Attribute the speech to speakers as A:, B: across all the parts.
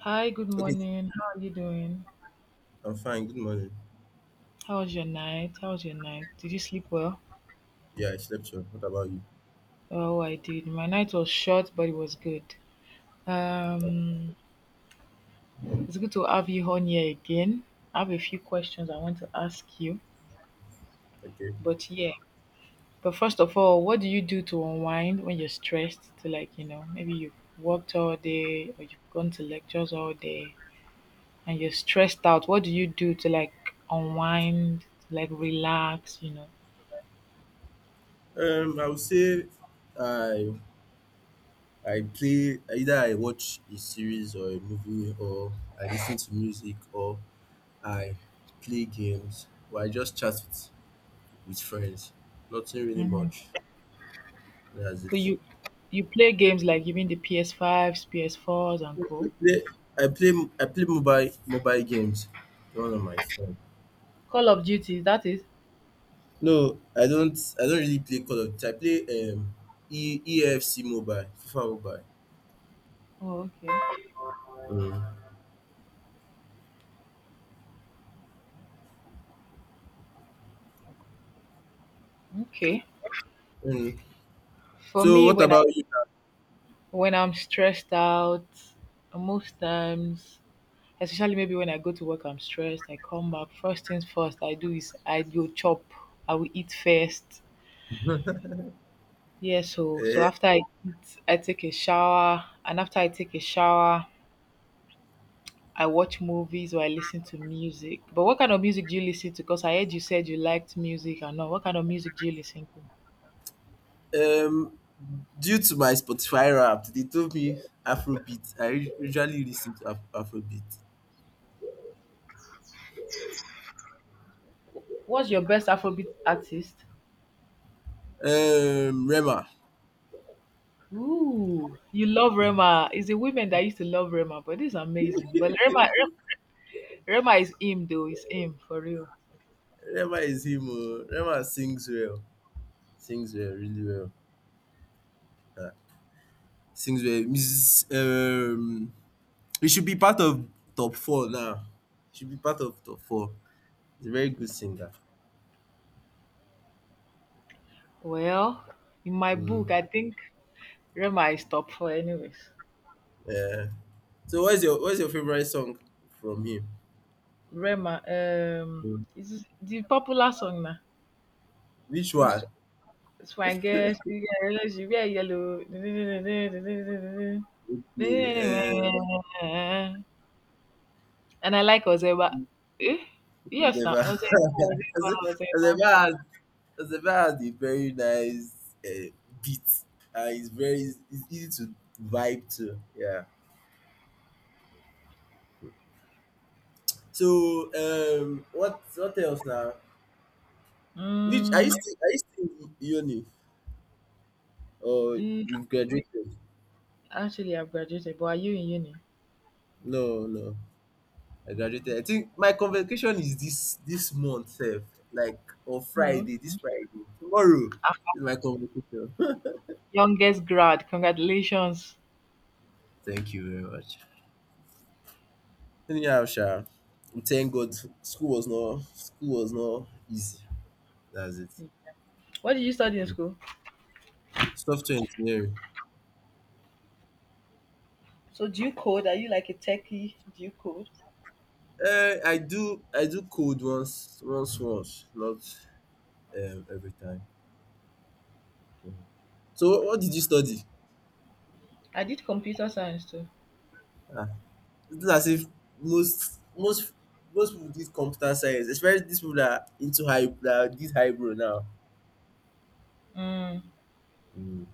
A: Hi, good
B: Okay,
A: morning. How are you doing?
B: I'm fine. Good morning.
A: How was your night? Did you sleep well?
B: Yeah, I slept well. What about you?
A: Oh, I did. My night was short, but it was good. Um, it's good to have you on here again. I have a few questions I want to ask you,
B: Okay.
A: but yeah. But first of all, what do you do to unwind when you're stressed? To, like, you know, maybe you've worked all day or you've gone to lectures all day and you're stressed out. What do you do to, like, unwind, to like relax, you know?
B: I would say I I play either I watch a series or a movie, or I listen to music, or I play games, or I just chat with friends. Nothing really much. That's
A: So
B: it.
A: you play games, like you mean the PS5s, PS4s and
B: I
A: co?
B: play I play I play mobile games on my phone.
A: Call of Duty, that is.
B: No, I don't really play Call of Duty. I play EFC mobile, FIFA mobile.
A: Oh, okay.
B: Mm.
A: Okay.
B: Mm.
A: For
B: So
A: me
B: what
A: when I
B: about you?
A: when I'm stressed out, most times especially maybe when I go to work I'm stressed, I come back, first things first I do is I go chop. I will eat first. Yeah, so
B: Uh,
A: after I eat I take a shower, and after I take a shower I watch movies or I listen to music. But what kind of music do you listen to? Because I heard you said you liked music and all. What kind of music do you listen to?
B: um, Due to my Spotify Wrapped, they told me Afrobeat. I usually listen to Afrobeat.
A: What's your best Afrobeat artist?
B: Rema.
A: Ooh, you love
B: Mm.
A: Rema. It's the women that used to love Rema, but this is amazing. But Rema, Rema is him though. It's him for real.
B: Rema is him. Oh. Rema sings well. Sings well, really well. Yeah. Sings well. Mrs. He should be part of top four now. He should be part of top four. He's a very good singer.
A: Well, in my book, I
B: Mm.
A: think Rema is top four, anyways.
B: Yeah. So what's your favorite song from him?
A: Rema,
B: Mm.
A: is the popular song now.
B: Which
A: It's
B: one?
A: it's my girl. She got a relationship. She wear yellow.
B: Yeah,
A: And I like Ozeba. Eh? Yes, now
B: never,
A: Ozeba, Ozeba,
B: has,
A: Ozeba.
B: Ezeba has never had a very nice beat, and it's easy to vibe to. Yeah. So, what else now? Which Are you
A: Mm,
B: still in uni, or
A: mm,
B: you've graduated?
A: actually, I've graduated, but are you in uni?
B: No, no, I graduated. I think my convocation is this month, sef, like on
A: Oh,
B: Friday,
A: okay.
B: this Friday. Tomorrow
A: I'm the
B: is my convocation.
A: youngest grad. Congratulations.
B: Thank you very much. Anyhow sha, we thank God school was not easy. That's it.
A: What did you study in school?
B: Software engineering.
A: So, do you code? Are you, like, a techie? Do you code?
B: I do code once, not every time. Mhm. So what did you study?
A: I did computer science too.
B: Ah, it's not as if most most most people did computer science, especially these people that are into high that did hybrid now.
A: Mm.
B: Mm.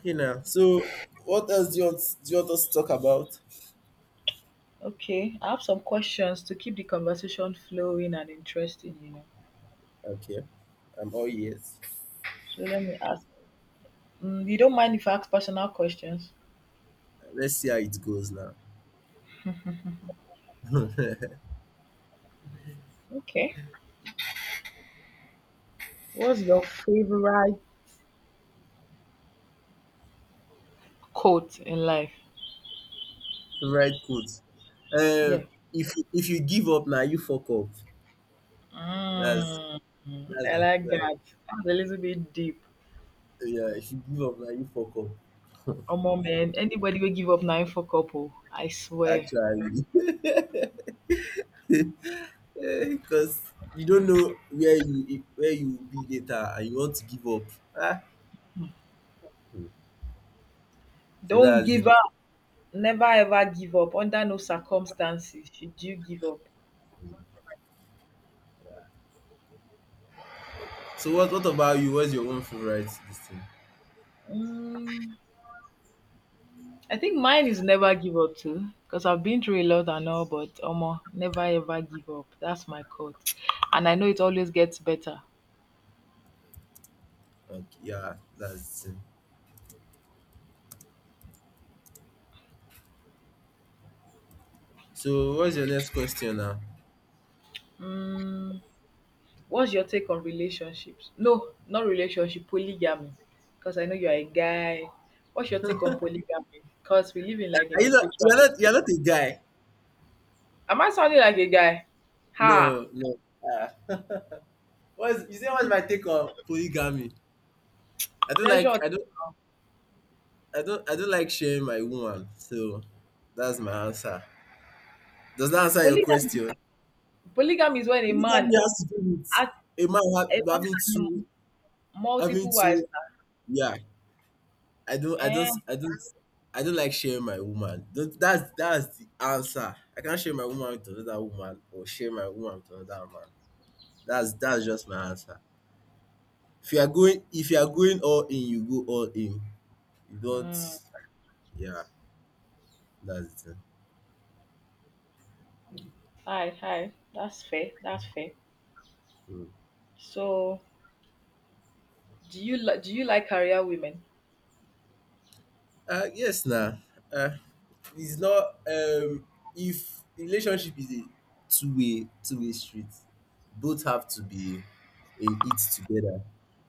B: Okay, now, so what else do you want us to talk about?
A: Okay, I have some questions to keep the conversation flowing and interesting, you know.
B: Okay, I'm all ears.
A: So let me ask. Mm, you don't mind if I ask personal questions?
B: Let's see how it goes now.
A: Okay. What's your favorite quote in life?
B: Favorite quote. Um,
A: Yeah.
B: if you give up now, you fuck up. That's
A: Mm,
B: that's
A: I
B: my
A: like
B: favorite.
A: that. That's a little bit deep.
B: Yeah, if you give up now, you fuck up.
A: Omo man, anybody will give up nine for couple. I swear.
B: Actually, because you don't know where you will be later, and you want to give up. Ah, so
A: Don't
B: that's it.
A: give up. Never ever give up. Under no circumstances should you give up.
B: So what about you? What's your own favorite this thing?
A: Mm, I think mine is never give up too, because I've been through a lot and all, but Omo, never ever give up. That's my code. And I know it always gets better.
B: Okay, yeah, that's it. So what's your next question now?
A: Mm, what's your take on relationships? No, not relationship, polygamy. Because I know you're a guy. What's your take on polygamy? Because we live in, like,
B: Are
A: in a
B: you not you're
A: patriarchy.
B: not you're not a guy?
A: Am I sounding like a guy? Ha!
B: No, no. Ah. What's you say What's my take on polygamy? I don't like
A: Pressure.
B: I don't I don't like sharing my woman. So that's my answer. Does that answer your
A: Polygamy.
B: question?
A: Polygamy is when a man
B: Polygamy has to do with
A: has
B: a man
A: a man
B: having
A: and
B: two having
A: multiple wives.
B: two yeah. I don't I don't
A: Eh?
B: I don't I don't like sharing my woman. That's the answer. I can't share my woman with another woman, or share my woman with another man. That's just my answer. If you are going all in, you go all in. You don't. Yeah, that's it.
A: Hi, hi. That's fair. That's fair.
B: Mm.
A: So, do you li- do you like career women?
B: Yes, now. uh, it's not. If relationship is a two-way street, both have to be in it together.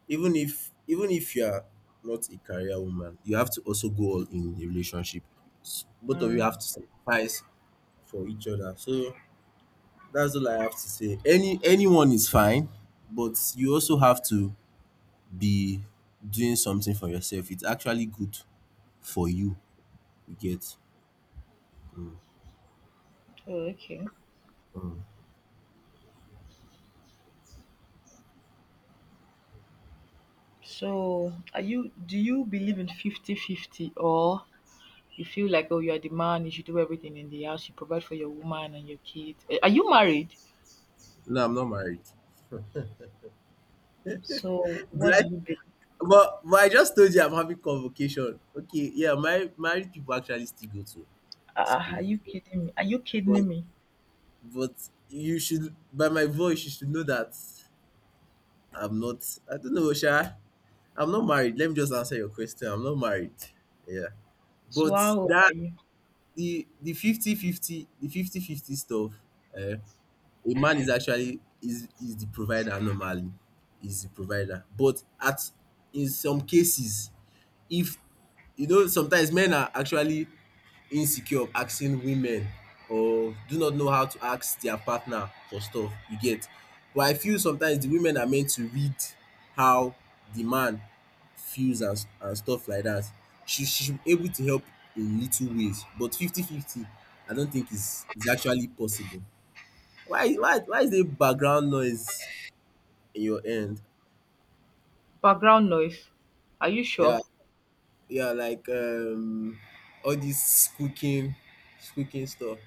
B: Even if you are not a career woman, you have to also go all in the relationship. Both of you have
A: Mm.
B: to sacrifice for each other. So that's all I have to say. Anyone is fine, but you also have to be doing something for yourself. It's actually good for you. You get. Mm.
A: Oh, okay.
B: Mm.
A: So, are you do you believe in 50-50, or you feel like oh you are the man, you should do everything in the house, you provide for your woman and your kid. Eh, are you married?
B: No, I'm not married.
A: So,
B: Did
A: what do
B: I—
A: you be?
B: But I just told you I'm having convocation. Okay, yeah, my married people actually still go to
A: Are
B: school.
A: you kidding me?
B: But but you should, by my voice, you should know that I'm not. I don't know, Sha. I'm not married. Let me just answer your question. I'm not married. Yeah.
A: So,
B: But
A: how old
B: that
A: are you?
B: the fifty fifty stuff, eh, a man is actually is the provider normally. Is the provider. But at in some cases, if you know, sometimes men are actually insecure of asking women, or do not know how to ask their partner for stuff, you get. But I feel sometimes the women are meant to read how the man feels, and stuff like that. She should be able to help in little ways. But 50 50, I don't think is actually possible. Why is there background noise in your end?
A: Background noise. Are you
B: Yeah.
A: sure?
B: Yeah, like all this squeaking stuff.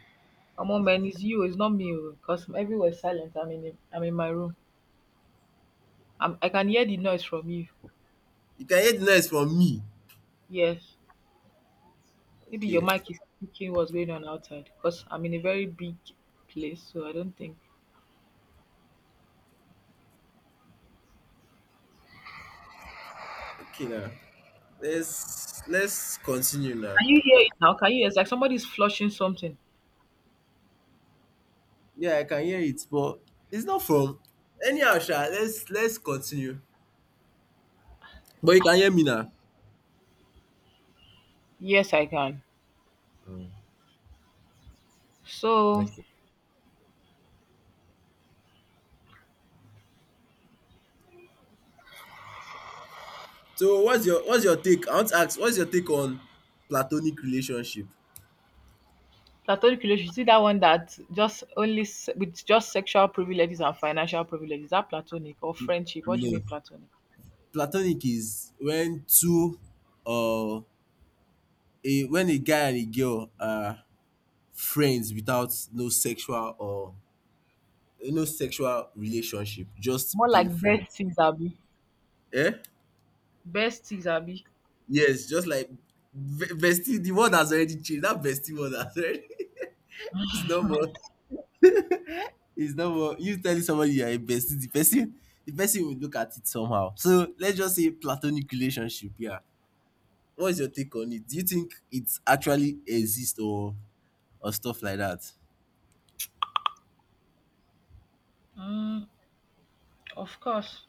A: Come on, man, it's you. It's not me. Because everywhere's silent. I'm in my room. I can hear the noise from you.
B: You can hear the noise from me?
A: Yes. Maybe your
B: Okay.
A: mic is picking what's going on outside because I'm in a very big place, so I don't think.
B: Okay, now, let's continue now.
A: Can you hear it now? Can you? It's like somebody's flushing something.
B: Yeah, I can hear it, but it's not from. Anyhow sha, let's continue. But you can hear me now.
A: Yes, I can.
B: Mm,
A: So,
B: okay. So what's your take I want to ask, what's your take on platonic relationship?
A: platonic relationship, you see that one that just only se- with just sexual privileges and financial privileges. Is that platonic or friendship? What do you
B: No.
A: mean platonic?
B: Platonic is when two or a when a guy and a girl are friends without no sexual, or no sexual relationship, just
A: More like
B: being friends.
A: besties, Abby.
B: Eh?
A: Besties, Abby.
B: Yes, just like bestie. The word has already changed. That bestie word has already. It's no more. It's no more. You telling somebody you are a bestie, the person will look at it somehow. So let's just say platonic relationship. Yeah. What's your take on it? Do you think it actually exists, or stuff like that?
A: Mm, of course.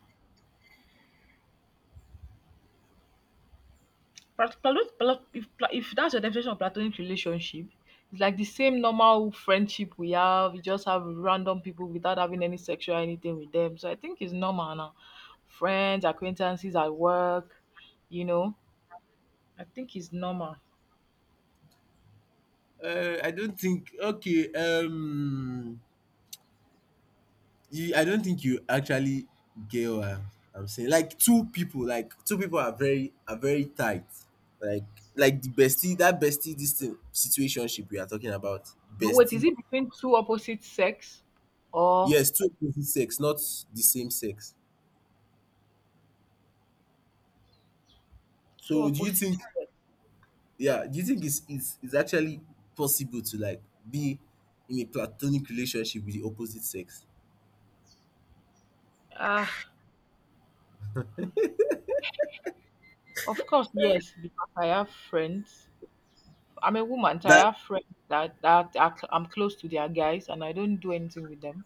A: Plat- plat- plat- if pla- if that's your definition of platonic relationship, it's like the same normal friendship we have. You just have random people without having any sexual anything with them. So I think it's normal now. Friends, acquaintances at work, you know, I think it's normal.
B: I don't think. Okay. I don't think you actually get what I'm saying. Like two people are very tight. Like like the bestie, that bestie, this thing, situationship we are talking about,
A: But wait, is
B: bestie.
A: it between two opposite sex or
B: Yes, two opposite sex, not the same sex.
A: two
B: So do you
A: opposite
B: think?
A: sex?
B: Yeah, do you think it's actually possible to like be in a platonic relationship with the opposite sex?
A: Ah, of course, yes, because I have friends. I'm a woman, so I
B: That.
A: have friends that are, cl- I'm close to their guys and I don't do anything with them.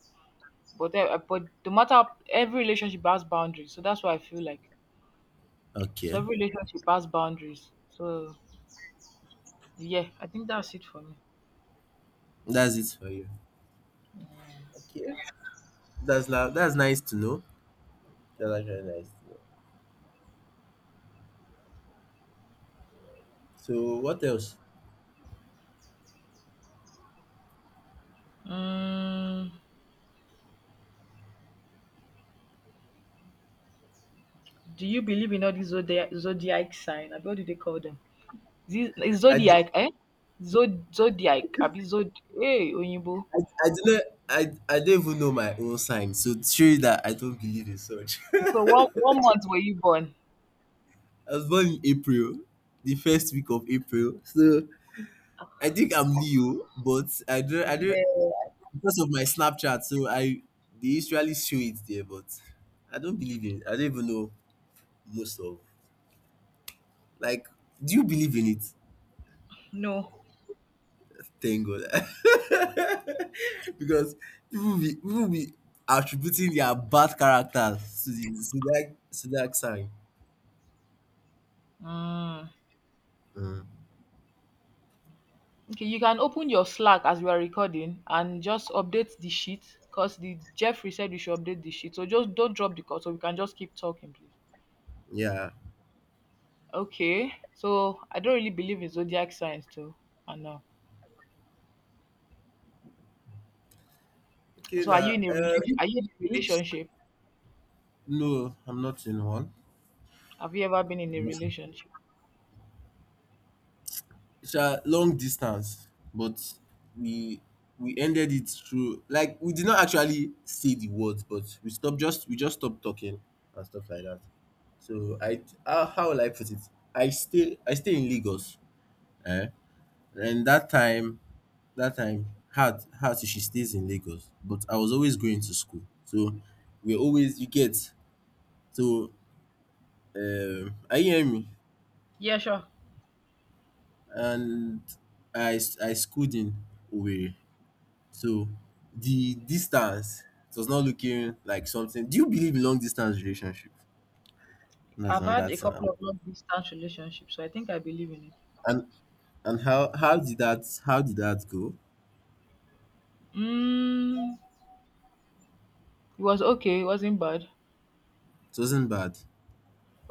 A: But eh, eh, but no matter every relationship has boundaries, so that's what I feel like. So
B: Okay.
A: every relationship has boundaries. So yeah, I think that's it for me.
B: That's it for you. Okay. That's now. That's nice to know. That's actually nice to know. So what else?
A: Um, do you believe in all these zodiac sign? Abi, what do they call them? Is it- is
B: I, d-
A: zodiac, eh? Zod zodiac, abi zod. Hey, Oyinbo.
B: I, I do not I, I don't even know my own sign, so to show you that I don't believe in such.
A: So what month were you born?
B: I was born in April, the first week of April. So I think I'm Leo, but I don't
A: Yeah.
B: because of my Snapchat, so I they usually show it there, but I don't believe in it. I don't even know most of, like, do you believe in it?
A: No.
B: Thank God. Because people be attributing their bad characters to the zodiac sign.
A: Mm.
B: Mm.
A: Okay, you can open your Slack as we are recording and just update the sheet because the Jeffrey said we should update the sheet. So just don't drop the call so we can just keep talking, please.
B: Yeah.
A: Okay. So I don't really believe in zodiac signs too. I know.
B: Okay,
A: So are you
B: now,
A: in a relation? Are you in a
B: which—
A: relationship?
B: no, I'm not in one.
A: Have you ever been in a
B: I'm not in—
A: relationship?
B: It's a long distance, but we we ended it through, like, we did not actually say the words, but we just stopped talking and stuff like that. So I how will I put it? I stay in Lagos, eh? And that time had she stays in Lagos, but I was always going to school, so we're always, you get. So are you hearing me?
A: Yeah, sure.
B: And I schooled in Owerri. So the distance, it was not looking like something. Do you believe in long distance relationship? That's
A: I've had
B: another
A: a
B: thing
A: couple
B: now.
A: of long distance relationships, so I think I believe in it.
B: And and how did that go?
A: Mm, it was okay. It wasn't bad.
B: It wasn't bad.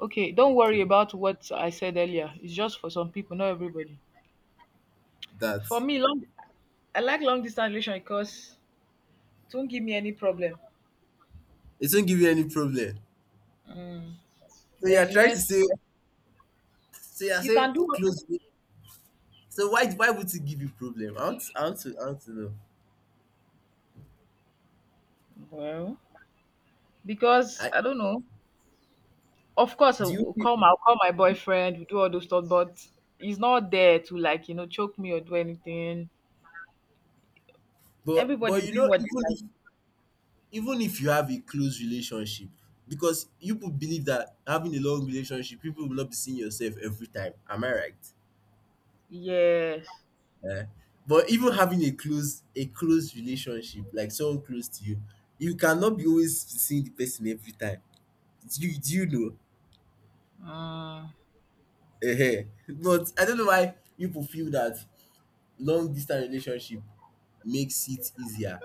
A: Okay, don't
B: Okay.
A: worry about what I said earlier. It's just for some people, not everybody.
B: That
A: For me, long I like long distance relation because it won't give me any problem.
B: it didn't give you any problem.
A: Mm.
B: So you
A: There's
B: are trying to
A: less.
B: say so you are
A: You can
B: saying
A: do
B: close. So why would it give you problem? I want to know.
A: well because
B: I
A: I don't know. Of course,
B: do
A: I'll
B: you
A: I'll
B: feel-
A: call my I'll call my boyfriend. We do all those stuff, but he's not there to, like, you know, choke me or do anything. Everybody's
B: but you
A: doing
B: know,
A: what they like.
B: even if you have a close relationship, because you people believe that having a long relationship, people will not be seeing yourself every time, am I right?
A: Yes.
B: Eh? But even having a close relationship, like someone close to you, you cannot be always seeing the person every time. Do you do you
A: Mm.
B: know? But I don't know why people feel that long distance relationship makes it easier.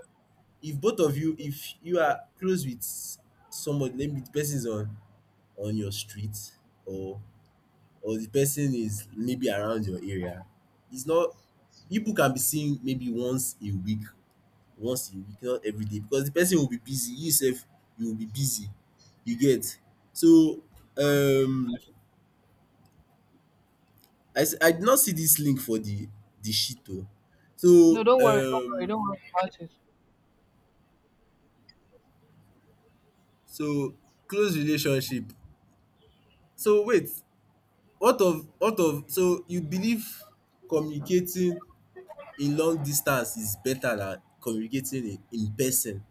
B: If you are close with somebody, maybe the person is on your street, or or the person is maybe around your area. It's not. People can be seen maybe once a week, not every day, because the person will be busy. You sef, you will be busy. You get? So um I did not see this link for the shit o.
A: No,
B: So
A: don't worry. Don't worry about it.
B: so close relationship. So wait, what of so you believe communicating in long distance is better than communicating in person?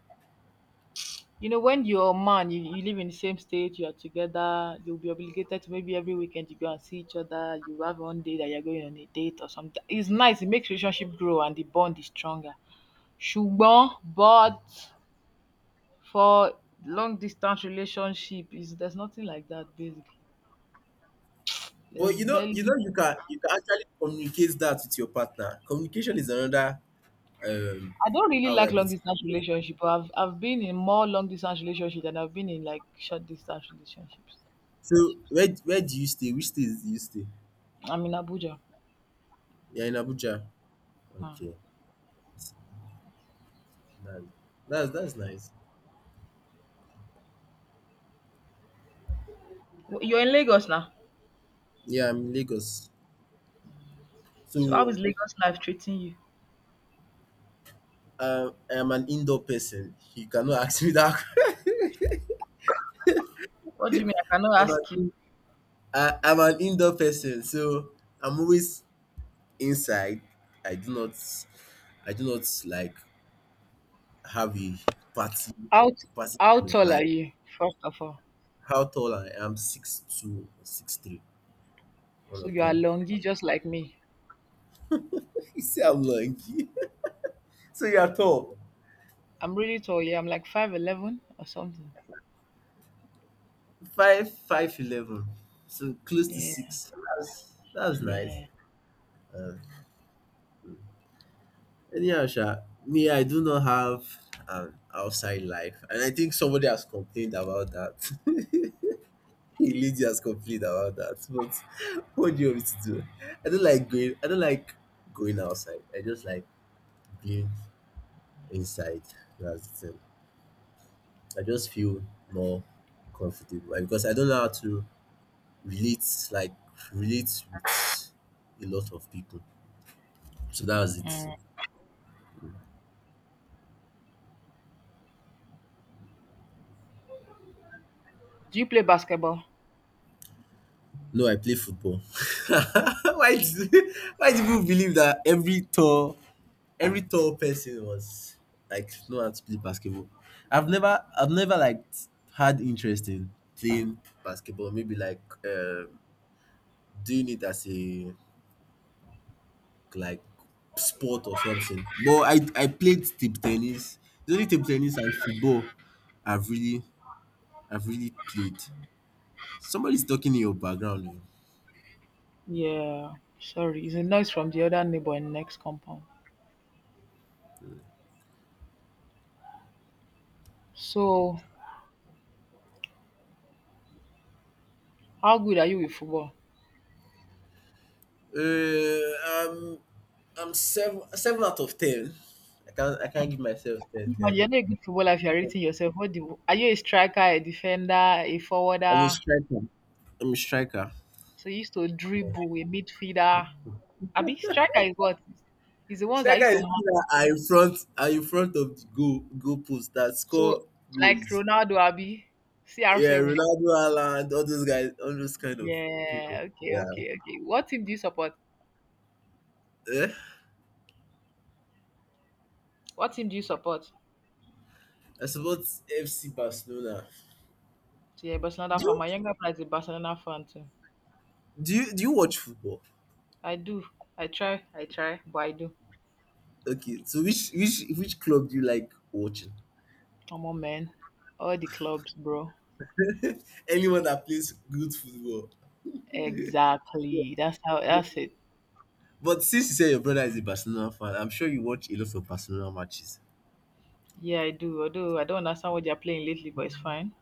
A: You know, when you your man, you live in the same state, you are together, you'll be obligated to maybe every weekend you go and see each other. You have one day that you're going on a date or something. It's nice, it makes relationship grow and the bond is stronger. Ṣùgbọ́n, but for long distance relationship, is there's nothing like that basically.
B: But
A: There's barely.
B: you can actually communicate that with your partner. Communication is another, um
A: I don't really
B: how
A: like
B: would I put
A: long
B: it?
A: distance relationship. But I've been in more long distance relationship than I've been in, like, short distance relationships.
B: So where do you stay? Which state do you stay?
A: I'm in Abuja.
B: You're in Abuja.
A: Hmm.
B: Okay. Nice. That's nice.
A: You're in Lagos now.
B: Yeah, I'm in Lagos.
A: So how is
B: So
A: Lagos life treating you?
B: I'm an indoor person. You cannot ask me that.
A: What do you mean? I cannot
B: I'm
A: ask you.
B: an, I'm an indoor person, so I'm always inside. I do not I do not like have a party
A: How t-
B: party
A: how
B: kind of
A: tall are
B: life.
A: you? First of all,
B: How tall I am, 6'2" or 6'3", one
A: so
B: of
A: you are
B: them.
A: longy just like me.
B: You see how long? So you are tall.
A: I'm really tall. Yeah, I'm like 5'11" or something.
B: Five eleven. So close to
A: Yeah,
B: six. That's nice.
A: yeah,
B: Um anyhow, sha, me I do not have an outside life. And I think somebody has complained about that. A lady has complained about that. But what do you want me to do? I don't like going outside. I just like being inside. That's the thing. I just feel more comfortable and because I don't know how to relate like relate with a lot of people. So that was it.
A: mm. Do you play basketball?
B: No, I play football. why do, why do people believe that every tall person was like know how to play basketball? I've never had interest in playing basketball. Maybe like doing it as a like sport or something. But I played table tennis. The only table tennis and football I've really I've really played. Somebody's talking in your background oh.
A: Yeah. Sorry, it's a noise from the other neighbor in next compound. So how good are you with football?
B: Uh, I'm I'm seven out of ten. I can't give myself ten
A: Imagine
B: ten.
A: you're not a good footballer if you're
B: I'm
A: rating yourself. What do you, are you a striker, a defender, a
B: a
A: forwarder?
B: striker. I'm a striker.
A: So you used to dribble, a midfielder. Abi striker is what? Is the ones I
B: Striker
A: used
B: is
A: to
B: people
A: mark.
B: that are in front of the goal post that score
A: So like
B: goals.
A: Ronaldo, Abi,
B: Yeah,
A: CR7.
B: Ronaldo, Haaland, all those guys, all those kind of people.
A: Yeah. Okay.
B: Yeah.
A: What team do you support?
B: Eh?
A: What team do you support?
B: I support FC Barcelona.
A: So, yeah, Barcelona
B: Do
A: fan.
B: you,
A: My younger brother is a Barcelona fan too.
B: do you watch football?
A: I do. I try. But I do.
B: Okay, so which club do you like watching?
A: Come on, man. All the clubs, bro.
B: Anyone that plays good football.
A: Exactly. That's how. That's it.
B: But since you say your brother is a Barcelona fan, I'm sure you watch a lot of Barcelona matches.
A: Yeah, I do. Although I don't understand what they're playing lately, but it's fine.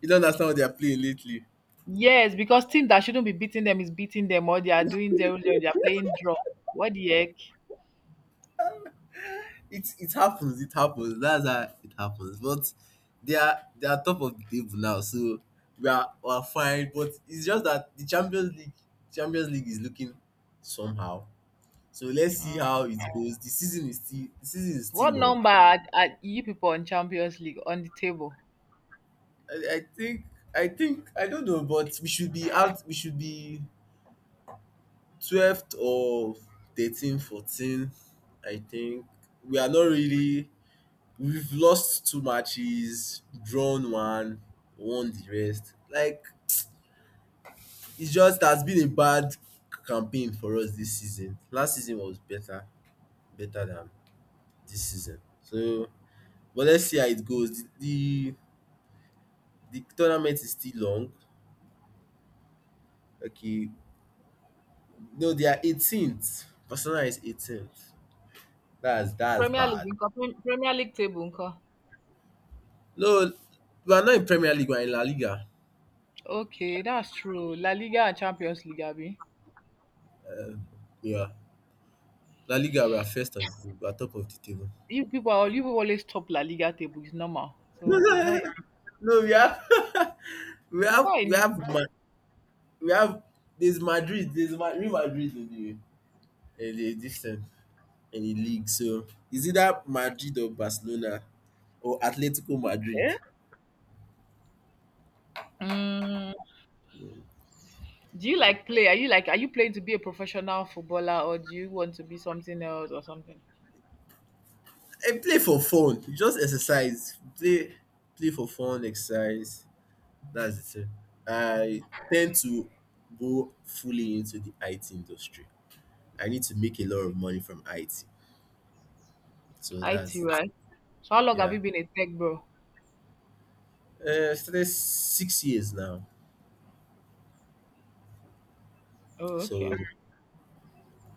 B: You don't understand what they are playing lately.
A: Yes, because team that shouldn't be beating them is beating them, or they are doing zero zero. They are playing draw. What the heck?
B: It happens, it happens. That's how it happens. But they are top of the table now, so we are fine. But it's just that the Champions League is looking somehow. So let's see
A: Mm.
B: how it goes. The season is still the season is
A: What
B: still long.
A: number are you people on Champions League on the table?
B: I, I think I think I don't know, but we should be out. We should be 12th or 13, 14, I think we are not really. We've lost two matches, drawn one, won the rest. Like it's just has been a bad campaign for us this season. Last season was better, than this season. So, but let's see how it goes. The The tournament is still long. Okay. No, they are 18th. Barcelona is 18th. That's
A: Premier League
B: bad.
A: nko, Prem- Premier League table nko.
B: No, we are not in Premier League. We are in La Liga.
A: Okay, that's true. La Liga and Champions League, Abby.
B: Yeah, La Liga. We are first on the table. We are top of the table.
A: You people, are- you people always top La Liga table. It's normal. So it's not.
B: No, we have
A: It's not a
B: we
A: new
B: have Ma-
A: thing.
B: we have there's Madrid. There's Real Madrid in the this thing, in the league. So is either Madrid or Barcelona or Atletico Madrid.
A: Yeah. Mm, do you like play? Are you like? Are you playing to be a professional footballer, or do you want to be something else or something?
B: And play for fun. You just exercise. Play for fun, exercise. That's the thing. I tend to go fully into the IT industry. I need to make a lot of money from IT. So
A: IT,
B: that's it.
A: right? So how long have
B: Yeah.
A: you been a tech bro?
B: Started 6 years now.
A: Oh,
B: So
A: okay.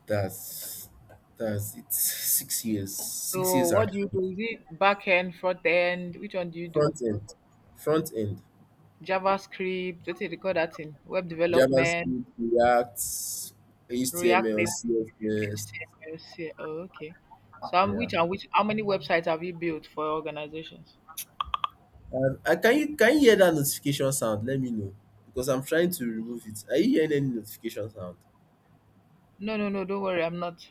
B: that's that's it. 6 years. Six
A: So
B: years
A: what do
B: actually.
A: you do? Is it back end, front end? Which one do you do?
B: Front end. Front end.
A: JavaScript, what do they call that thing? Web development,
B: JavaScript, React,
A: React
B: HTML,
A: Native,
B: CSS.
A: HTML, C- oh, okay. So,
B: Yeah.
A: which and which how many websites have you built for organizations?
B: Can you hear that notification sound? Let me know because I'm trying to remove it. Are you hearing any notification sound?
A: No, no, no, don't worry, I'm not.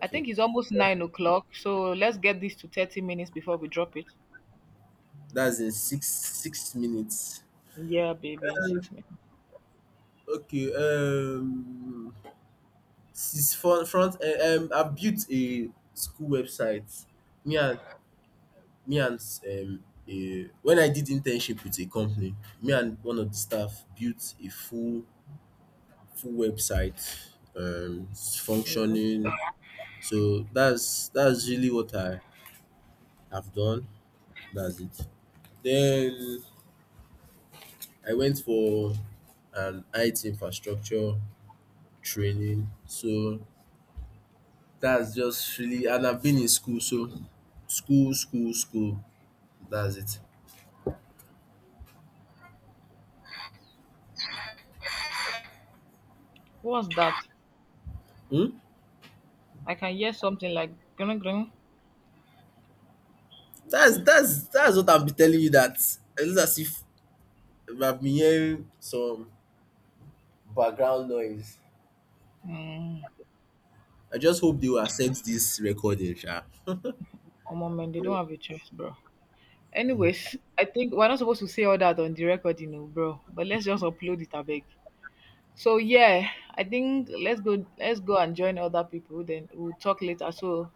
A: I think it's almost 9 o'clock, so let's get this to 30 minutes before we drop it.
B: that's in six minutes.
A: Yeah, baby, in
B: Um,
A: 6 minutes.
B: Okay, since I've built a school website. Me and me and um, when I did internship with a company, me and one of the staff built a full website. It's
A: Oh,
B: functioning. So that's really what I've done. That's it. Then I went for an IT infrastructure training. So that's just really, and I've been in school. So school, school, school. That's it.
A: what's that?
B: Hmm?
A: I can hear something like grung.
B: That's what I've been telling you. That it's as if I've been hearing some background noise.
A: Mm.
B: I just hope they will accept this recording, sha.
A: Omo man, they don't have a choice, bro. Anyways, I think we're not supposed to say all that on the record, you know, bro. But let's just upload it, I beg. So yeah, I think let's go and join other people. Then we'll talk later. So